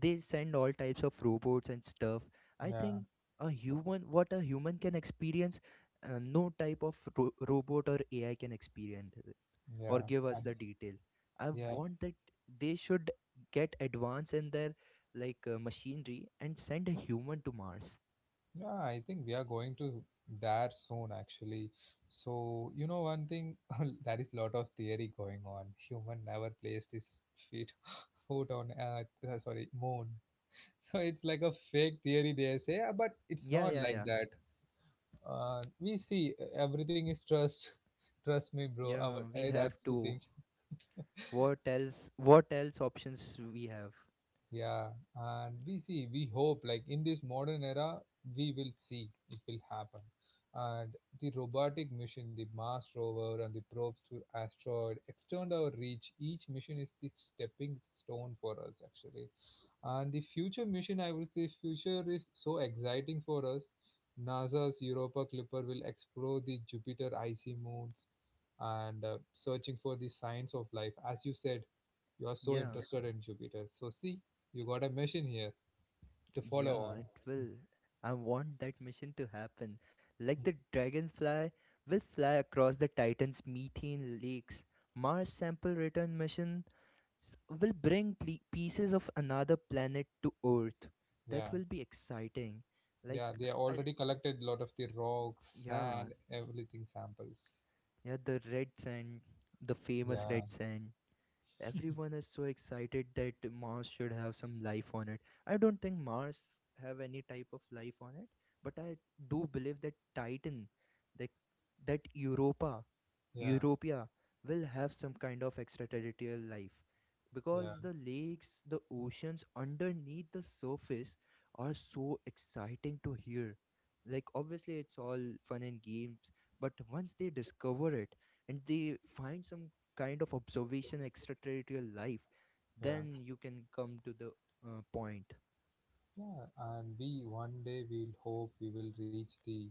S2: they send all types of robots and stuff. I
S1: yeah,
S2: think a human what a human can experience, uh, no type of ro- robot or A I can experience or
S1: yeah,
S2: give us
S1: and
S2: the details. I
S1: yeah,
S2: want that they should get advance in their, like, uh, machinery and send a human to Mars.
S1: yeah. I think we are going to there soon, actually. So you know one thing, that is lot of theory going on. Human never placed his feet foot on Earth. Uh, sorry, moon. So it's like a fake theory they say, "Ah, but it's
S2: Yeah,
S1: not
S2: yeah, yeah.
S1: like that. uh, we see uh, everything is trust, trust me bro. Our,
S2: Yeah, we
S1: uh,
S2: have
S1: that's the
S2: to.
S1: thing.
S2: What else? What else options we have?
S1: Yeah, and we see, we hope, like, in this modern era, we will see, it will happen. And the robotic mission, the Mars rover, and the probes to asteroid extend our reach. Each mission is the stepping stone for us actually, and the future mission, I would say, future is so exciting for us. NASA's Europa Clipper will explore the Jupiter icy moons, and uh, searching for the signs of life. As you said, you are so
S2: Yeah,
S1: interested in Jupiter. So, see, you got a machine here to follow
S2: yeah,
S1: on.
S2: it will. I want that mission to happen. Like the dragonfly will fly across the Titan's methane lakes. Mars sample return mission s- will bring ple- pieces of another planet to Earth. That
S1: Yeah,
S2: will be exciting. Like,
S1: yeah, they
S2: I,
S1: already collected a lot of the rocks,
S2: yeah,
S1: sand, everything samples.
S2: yeah, the red sand, the famous
S1: Yeah,
S2: red sand. Everyone is so excited that Mars should have some life on it. I don't think Mars have any type of life on it, but I do believe that Titan, that that Europa,
S1: yeah,
S2: Europa will have some kind of extraterrestrial life
S1: yeah,
S2: because the lakes, the oceans underneath the surface are so exciting to hear. Like, obviously, it's all fun and games, but once they discover it and they find some kind of observation extraterrestrial life,
S1: yeah.
S2: then you can come to the uh, point.
S1: Yeah, and we one day we'll hope we will reach the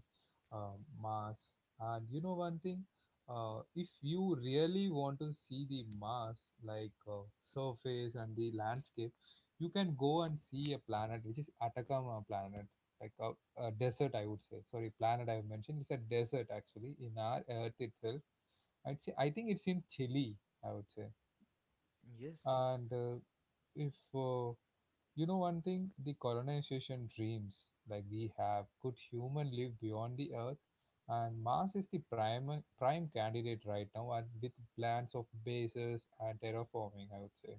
S1: um, Mars. And you know one thing, uh, if you really want to see the Mars, like, uh, surface and the landscape, you can go and see a planet which is Atacama planet, like a, a desert, I would say. Sorry, planet I have mentioned. It's a desert actually in our Earth itself. I'd say I think it's in Chile, I would say.
S2: Yes.
S1: And uh, if uh, you know one thing? The colonization dreams, like, we have, could human live beyond the earth? And Mars is the prime prime candidate right now, and with plans of bases and terraforming, I would say.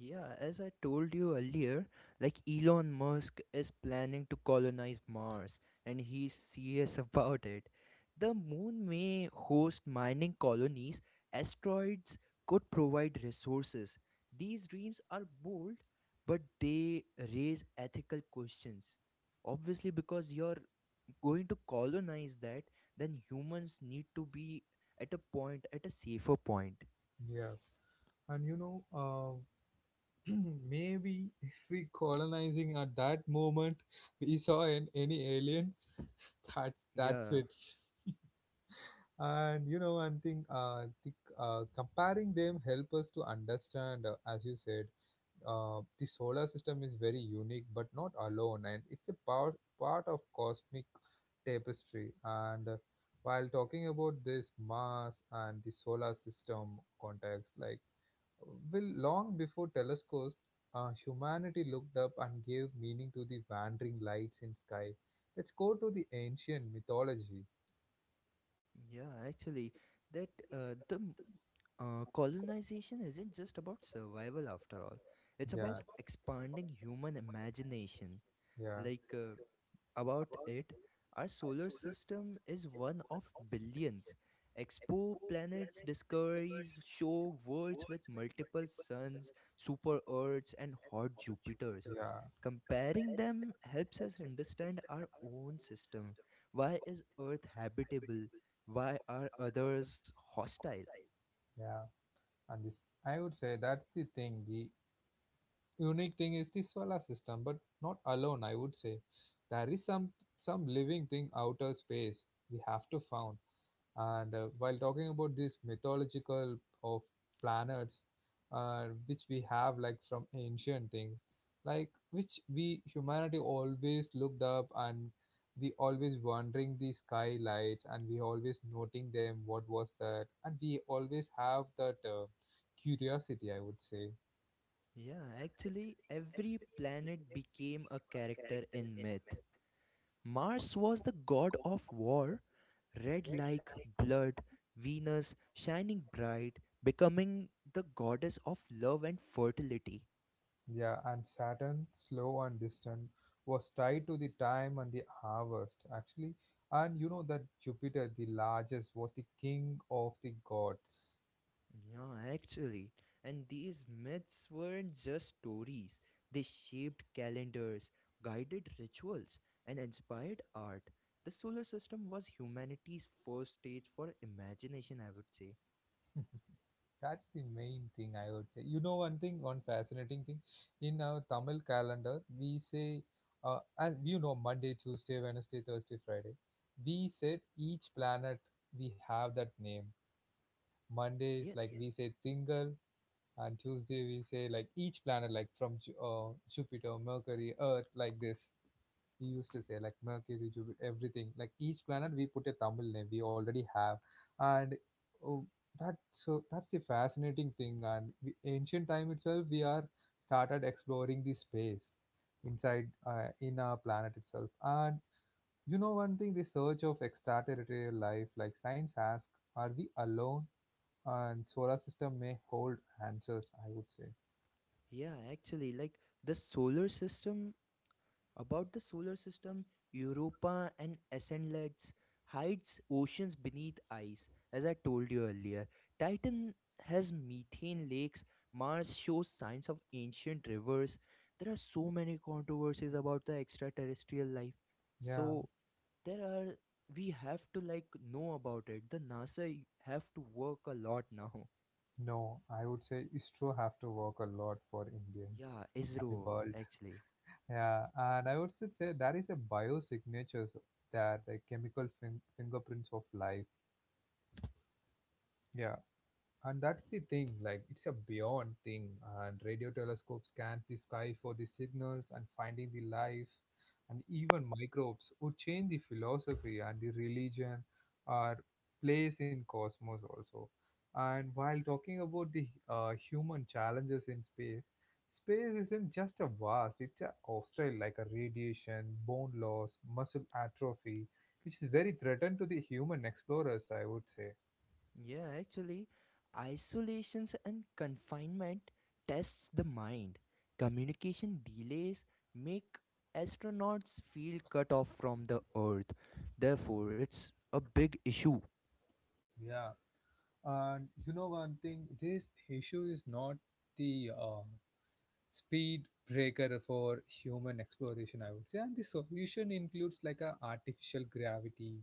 S2: Yeah, as I told you earlier, like Elon Musk is planning to colonize Mars and he's serious about it. The moon may host mining colonies, asteroids could provide resources. These dreams are bold, but they raise ethical questions. Obviously, because you're going to colonize that, then humans need to be at a point, at a safer point.
S1: Yeah. And you know, uh, maybe if we colonizing at that moment we saw an, any aliens, that's that's
S2: Yeah.
S1: it. And you know, one thing, uh, the, uh, comparing them help us to understand, uh, as you said, Uh, the solar system is very unique but not alone, and it's a part, part of cosmic tapestry. And uh, while talking about this Mars and the solar system context, like, well, long before telescopes, uh, humanity looked up and gave meaning to the wandering lights in sky. Let's go to the ancient mythology.
S2: Yeah, actually, that uh, the m- uh, colonization isn't just about survival after all. It's
S1: Yeah,
S2: about expanding human imagination.
S1: yeah.
S2: Like, uh, about it, our solar system is one of billions. Expo
S1: Expo.
S2: planets discoveries show worlds with multiple suns, super Earths, and hot Jupiters.
S1: Yeah,
S2: Comparing them helps us understand our own system. Why is Earth habitable? Why are others hostile?
S1: yeah. And this, I would say, that's the thing. The unique thing is the solar system, but not alone, I would say. There is some some living thing outer space we have to found. And uh, while talking about this mythological of planets, uh, which we have, like, from ancient things, like, which we humanity always looked up, and we always wondering the skylights, and we always noting them what was that, and we always have that uh, curiosity, I would say.
S2: Yeah, actually, every planet became a character in myth. Mars was the god of war, red like blood, Venus shining bright, becoming the goddess of love and fertility.
S1: Yeah, and Saturn, slow and distant, was tied to the time and the harvest, actually. And you know that Jupiter, the largest, was the king of the gods.
S2: Yeah, actually. And these myths weren't just stories, they shaped calendars, guided rituals, and inspired art. The solar system was humanity's first stage for imagination, I would say.
S1: That's the main thing, I would say. You know, one thing, one fascinating thing, in our Tamil calendar, we say, uh, as you know, Monday, Tuesday, Wednesday, Thursday, Friday, we said each planet we have that name. Monday is
S2: Yeah,
S1: like we say Tingal, and Tuesday we say like each planet, like, from Ju- uh, Jupiter, Mercury, Earth, like this. We used to say like Mercury, Jupiter, everything. Like, each planet we put a Tamil name. We already have, and oh, that, so that's the fascinating thing. And we, ancient time itself, we are started exploring the space inside uh, in our planet itself. And you know one thing, the search of extraterrestrial life, like, science asks, are we alone? And solar system may hold answers, I would say.
S2: yeah, actually. Like the solar system About the solar system, Europa and Ascendlets hides oceans beneath ice, as I told you earlier. Titan has methane lakes. Mars shows signs of ancient rivers. There are so many controversies about the extraterrestrial life. So,
S1: Yeah,
S2: there are we have to like know about it. The NASA have to work a lot now.
S1: no, I would say Istro have to work a lot for Indians
S2: Yeah,
S1: and the
S2: ISRO
S1: world.
S2: actually.
S1: Yeah, and I would still say that is a biosignatures, that the chemical fin- fingerprints of life. Yeah. And that's the thing, like it's a beyond thing, and radio telescopes scan the sky for the signals and finding the life, and even microbes would change the philosophy and the religion or place in cosmos also. And while talking about the uh, human challenges in space, space isn't just a vast, it's a hostile, like a radiation, bone loss, muscle atrophy, which is very threatened to the human explorers, I would say.
S2: Yeah, actually, isolations and confinement tests the mind. Communication delays make astronauts feel cut off from the earth. Therefore, it's a big issue.
S1: Yeah. And you know one thing, this issue is not the uh, speed breaker for human exploration, I would say. And the solution includes like a artificial gravity,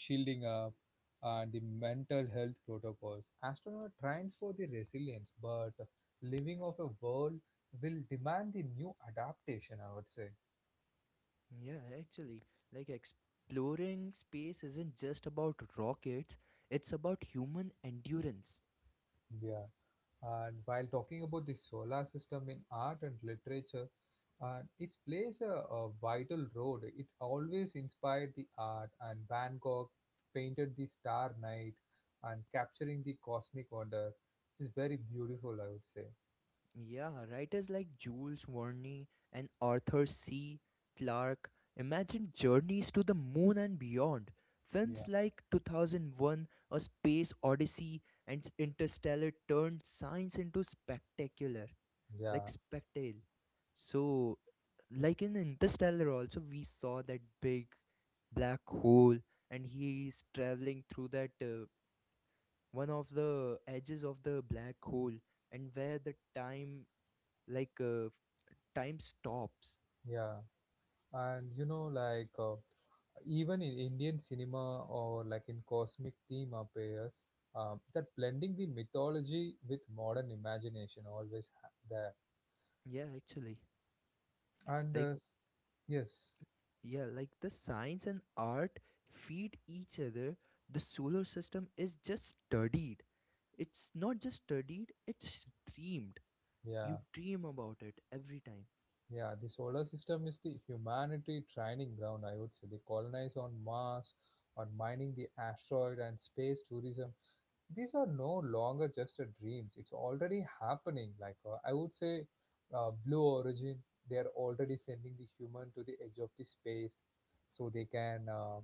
S1: shielding up, and the mental health protocols. Astronaut trains for the resilience, but living off a world will demand the new adaptation, I would say.
S2: Yeah, actually, like exploring space isn't just about rockets, it's about human endurance.
S1: Yeah. And while talking about the solar system in art and literature, uh, it plays a, a vital role. It always inspired the art, and Van Gogh painted the star night and capturing the cosmic wonder, which is very beautiful, I would say.
S2: Yeah, writers like Jules Verne and Arthur C. Clarke imagined journeys to the moon and beyond.
S1: Yeah,
S2: Films like two thousand one A Space Odyssey and s- Interstellar turned science into spectacular, like
S1: yeah,
S2: spectacle. So, like in Interstellar, also, we saw that big black hole, and he is traveling through that, uh, one of the edges of the black hole, and where the time, like, uh, time stops.
S1: yeah. And you know, like uh, even in Indian cinema or like in cosmic theme appears, um, that blending the mythology with modern imagination always ha- there
S2: Yeah, actually,
S1: and
S2: like,
S1: uh, s- yes,
S2: yeah, like the science and art feed each other. The solar system is just studied, it's not just studied, it's dreamed.
S1: yeah,
S2: You dream about it every time.
S1: yeah. The solar system is the humanity training ground, I would say. The colonize on Mars, on mining the asteroid and space tourism, these are no longer just a dreams, it's already happening, like uh, I would say, uh, Blue Origin, they are already sending the human to the edge of the space, so they can uh,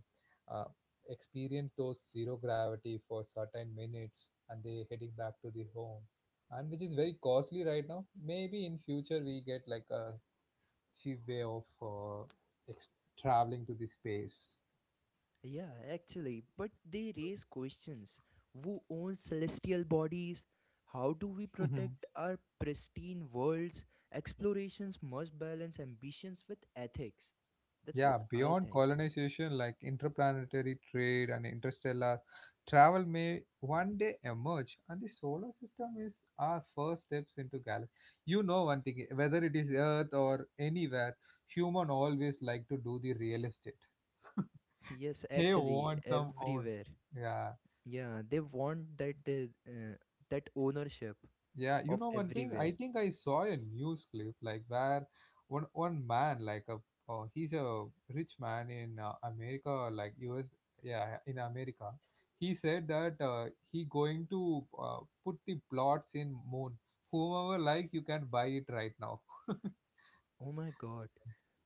S1: uh, experience those zero gravity for certain minutes, and they heading back to the home, and which is very costly right now. Maybe in future we get like a cheap way of uh, ex- traveling to the space.
S2: Yeah, actually, but they raise questions: who owns celestial bodies? How do we protect our pristine worlds? Explorations must balance ambitions with ethics. That's what
S1: Yeah,
S2: I
S1: beyond
S2: think.
S1: colonization, like interplanetary trade and interstellar travel may one day emerge, and the solar system is our first steps into galaxy. You know one thing, whether it is Earth or anywhere, human always like to do the real estate.
S2: Yes,
S1: They
S2: actually,
S1: want some own.
S2: everywhere.
S1: Yeah.
S2: Yeah, they want that uh, uh, that ownership
S1: Yeah, you
S2: of
S1: know one thing,
S2: everywhere.
S1: I think I saw a news clip like where one one man like a uh, he's a rich man in uh, America, like U S, yeah, in America. He said that uh, he going to uh, put the plots in moon. Whomever, like, you can buy it right now.
S2: Oh my God,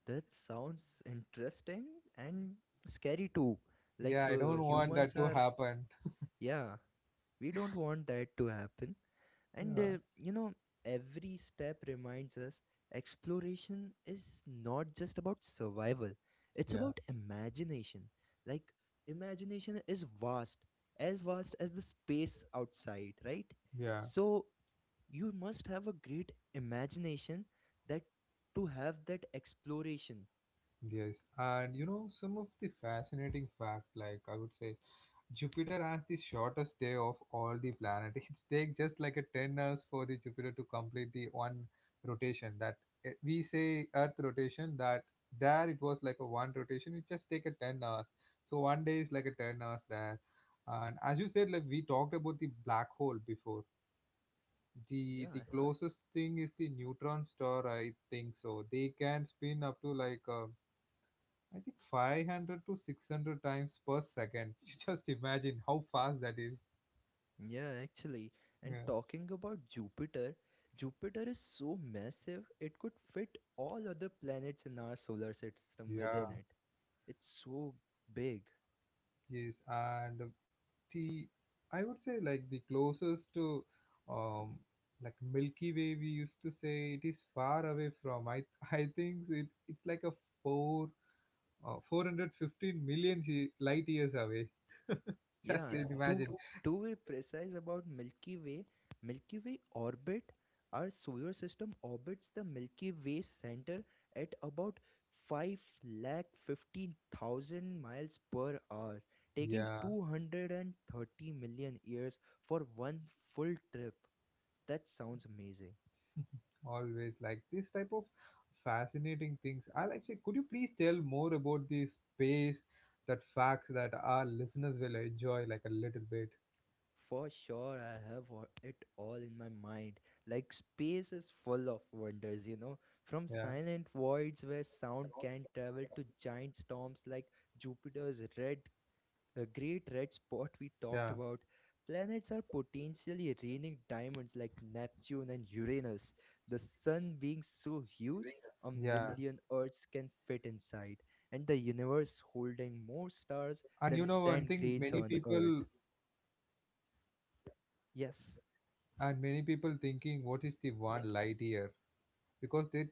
S2: that sounds interesting and scary too. Like,
S1: Yeah, I
S2: uh,
S1: don't want that
S2: humans
S1: to
S2: are,
S1: happen.
S2: yeah, we don't want that to happen. And,
S1: Yeah,
S2: uh, you know, every step reminds us exploration is not just about survival, it's
S1: yeah,
S2: about imagination. Like, imagination is vast, as vast as the space outside, right?
S1: yeah,
S2: So, you must have a great imagination that to have that exploration.
S1: yes. And you know, some of the fascinating fact, like I would say, Jupiter has the shortest day of all the planet. It takes just like a ten hours for the Jupiter to complete the one rotation, that eh, we say Earth rotation, that there it was like a one rotation. It just take a ten hours. So one day is like a ten hours there. And as you said, like we talked about the black hole before. The the
S2: Yeah,
S1: closest thing is the neutron star, I think so. They can spin up to like uh, I think five hundred to six hundred times per second. You just imagine how fast that is.
S2: Yeah, actually. And
S1: Yeah,
S2: talking about Jupiter, Jupiter is so massive it could fit all other planets in our solar system within
S1: yeah,
S2: it. It's so big.
S1: yes, and the, I would say like the closest to um like Milky Way, we used to say it is far away from. I I think it it's like a four uh, four hundred fifteen million he- light years away. Just
S2: Yeah,
S1: imagine.
S2: to to be precise about Milky Way, Milky Way orbit, our solar system orbits the Milky Way center at about five lakh fifteen thousand miles per hour, taking
S1: Yeah,
S2: two hundred and thirty million years for one full trip. That sounds amazing.
S1: always like this type of fascinating things. I'll actually, could you please tell more about the space, that facts that our listeners will enjoy like a little bit.
S2: For sure, I have all- it all in my mind. Like, space is full of wonders, you know. From
S1: Yeah,
S2: silent voids where sound can travel to giant storms like Jupiter's red, uh, great red spot we
S1: yeah,
S2: talked about. Planets are potentially raining diamonds like Neptune and Uranus. The sun being so huge, a
S1: yeah.
S2: million Earths can fit inside, and the universe holding more stars
S1: And you
S2: than
S1: know one
S2: sand
S1: thing,
S2: grains
S1: many
S2: on
S1: people
S2: Earth. Yes.
S1: and many people thinking, what is the one light year? Because it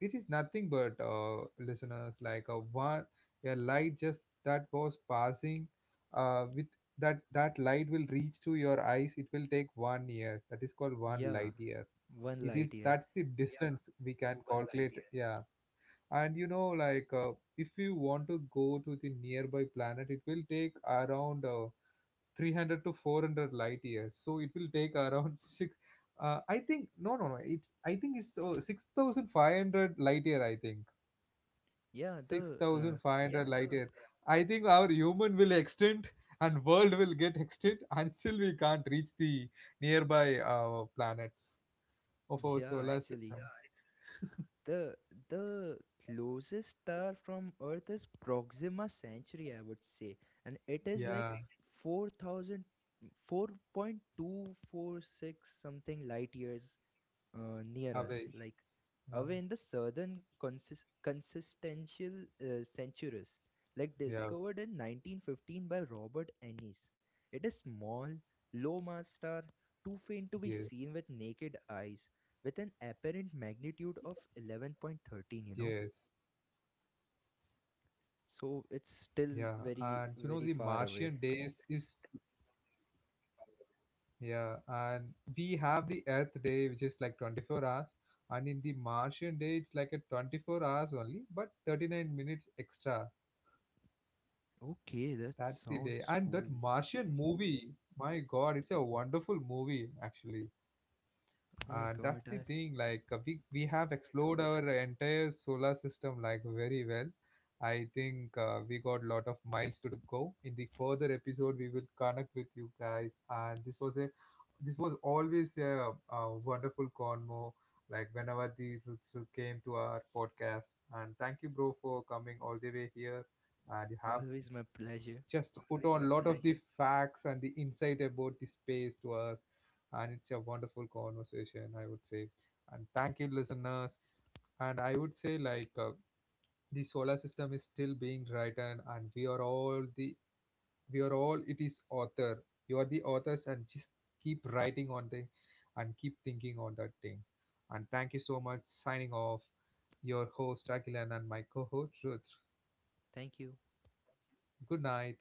S1: it is nothing but uh, listeners, like a one, a light just that was passing, uh, with that that light will reach to your eyes. It will take one year. That is called one light
S2: Yeah,
S1: year.
S2: one
S1: It is,
S2: light year.
S1: that's the, yeah, distance we can calculate. Yeah, and you know, like uh, if you want to go to the nearby planet, it will take around. Uh, three hundred to four hundred light years, so it will take around six, uh, I think, no, no, no, it's, I think it's uh, six thousand five hundred light year, I think.
S2: Yeah,
S1: Yeah.
S2: the uh,
S1: six thousand five hundred light year, I think our human will extinct and world will get extinct until we can't reach the nearby uh, planets of our
S2: yeah,
S1: solar
S2: actually,
S1: system.
S2: the the closest star from Earth is Proxima Centauri, I would say, and it is like
S1: Yeah,
S2: four thousand four point two four six something light years uh, near us, like,
S1: away,
S2: away in the
S1: yeah,
S2: southern consist- consistential, uh, centuries, like discovered in
S1: yeah,
S2: nineteen fifteen by Robert Ennis. It is small, low mass star, too
S1: yes,
S2: faint to be seen with naked eyes, with an apparent magnitude of eleven point one three,
S1: yes,
S2: you know. So it's
S1: yeah,
S2: still
S1: and
S2: very,
S1: you know the
S2: very far away.
S1: martian days is, yeah, and we have the Earth Day, which is like twenty-four hours, and in the Martian day, it's like a twenty-four hours only, but thirty-nine minutes extra.
S2: Okay, that
S1: That's the day.
S2: sounds
S1: And that
S2: cool.
S1: Martian movie, my God, it's a wonderful movie, actually.
S2: Oh my
S1: And that's
S2: god,
S1: the
S2: I,
S1: thing, like uh, we, we have explored our entire solar system like very well. I think uh, we got lot of miles to go. In the further episode, we will connect with you guys. And this was a, this was always a, a wonderful convo. Like whenever the Rutsu came to our podcast, and thank you, bro, for coming all the way here. And you have
S2: always my pleasure.
S1: just put on a lot of the facts and the insight about the space to us, and it's a wonderful conversation, I would say. And thank you listeners, and I would say, like uh, the solar system is still being written, and we are all the we are all it is author, you are the authors, and just keep writing on the and keep thinking on that thing. And thank you so much, signing off, your host Akilan and my co-host Ruth.
S2: Thank you.
S1: Good night.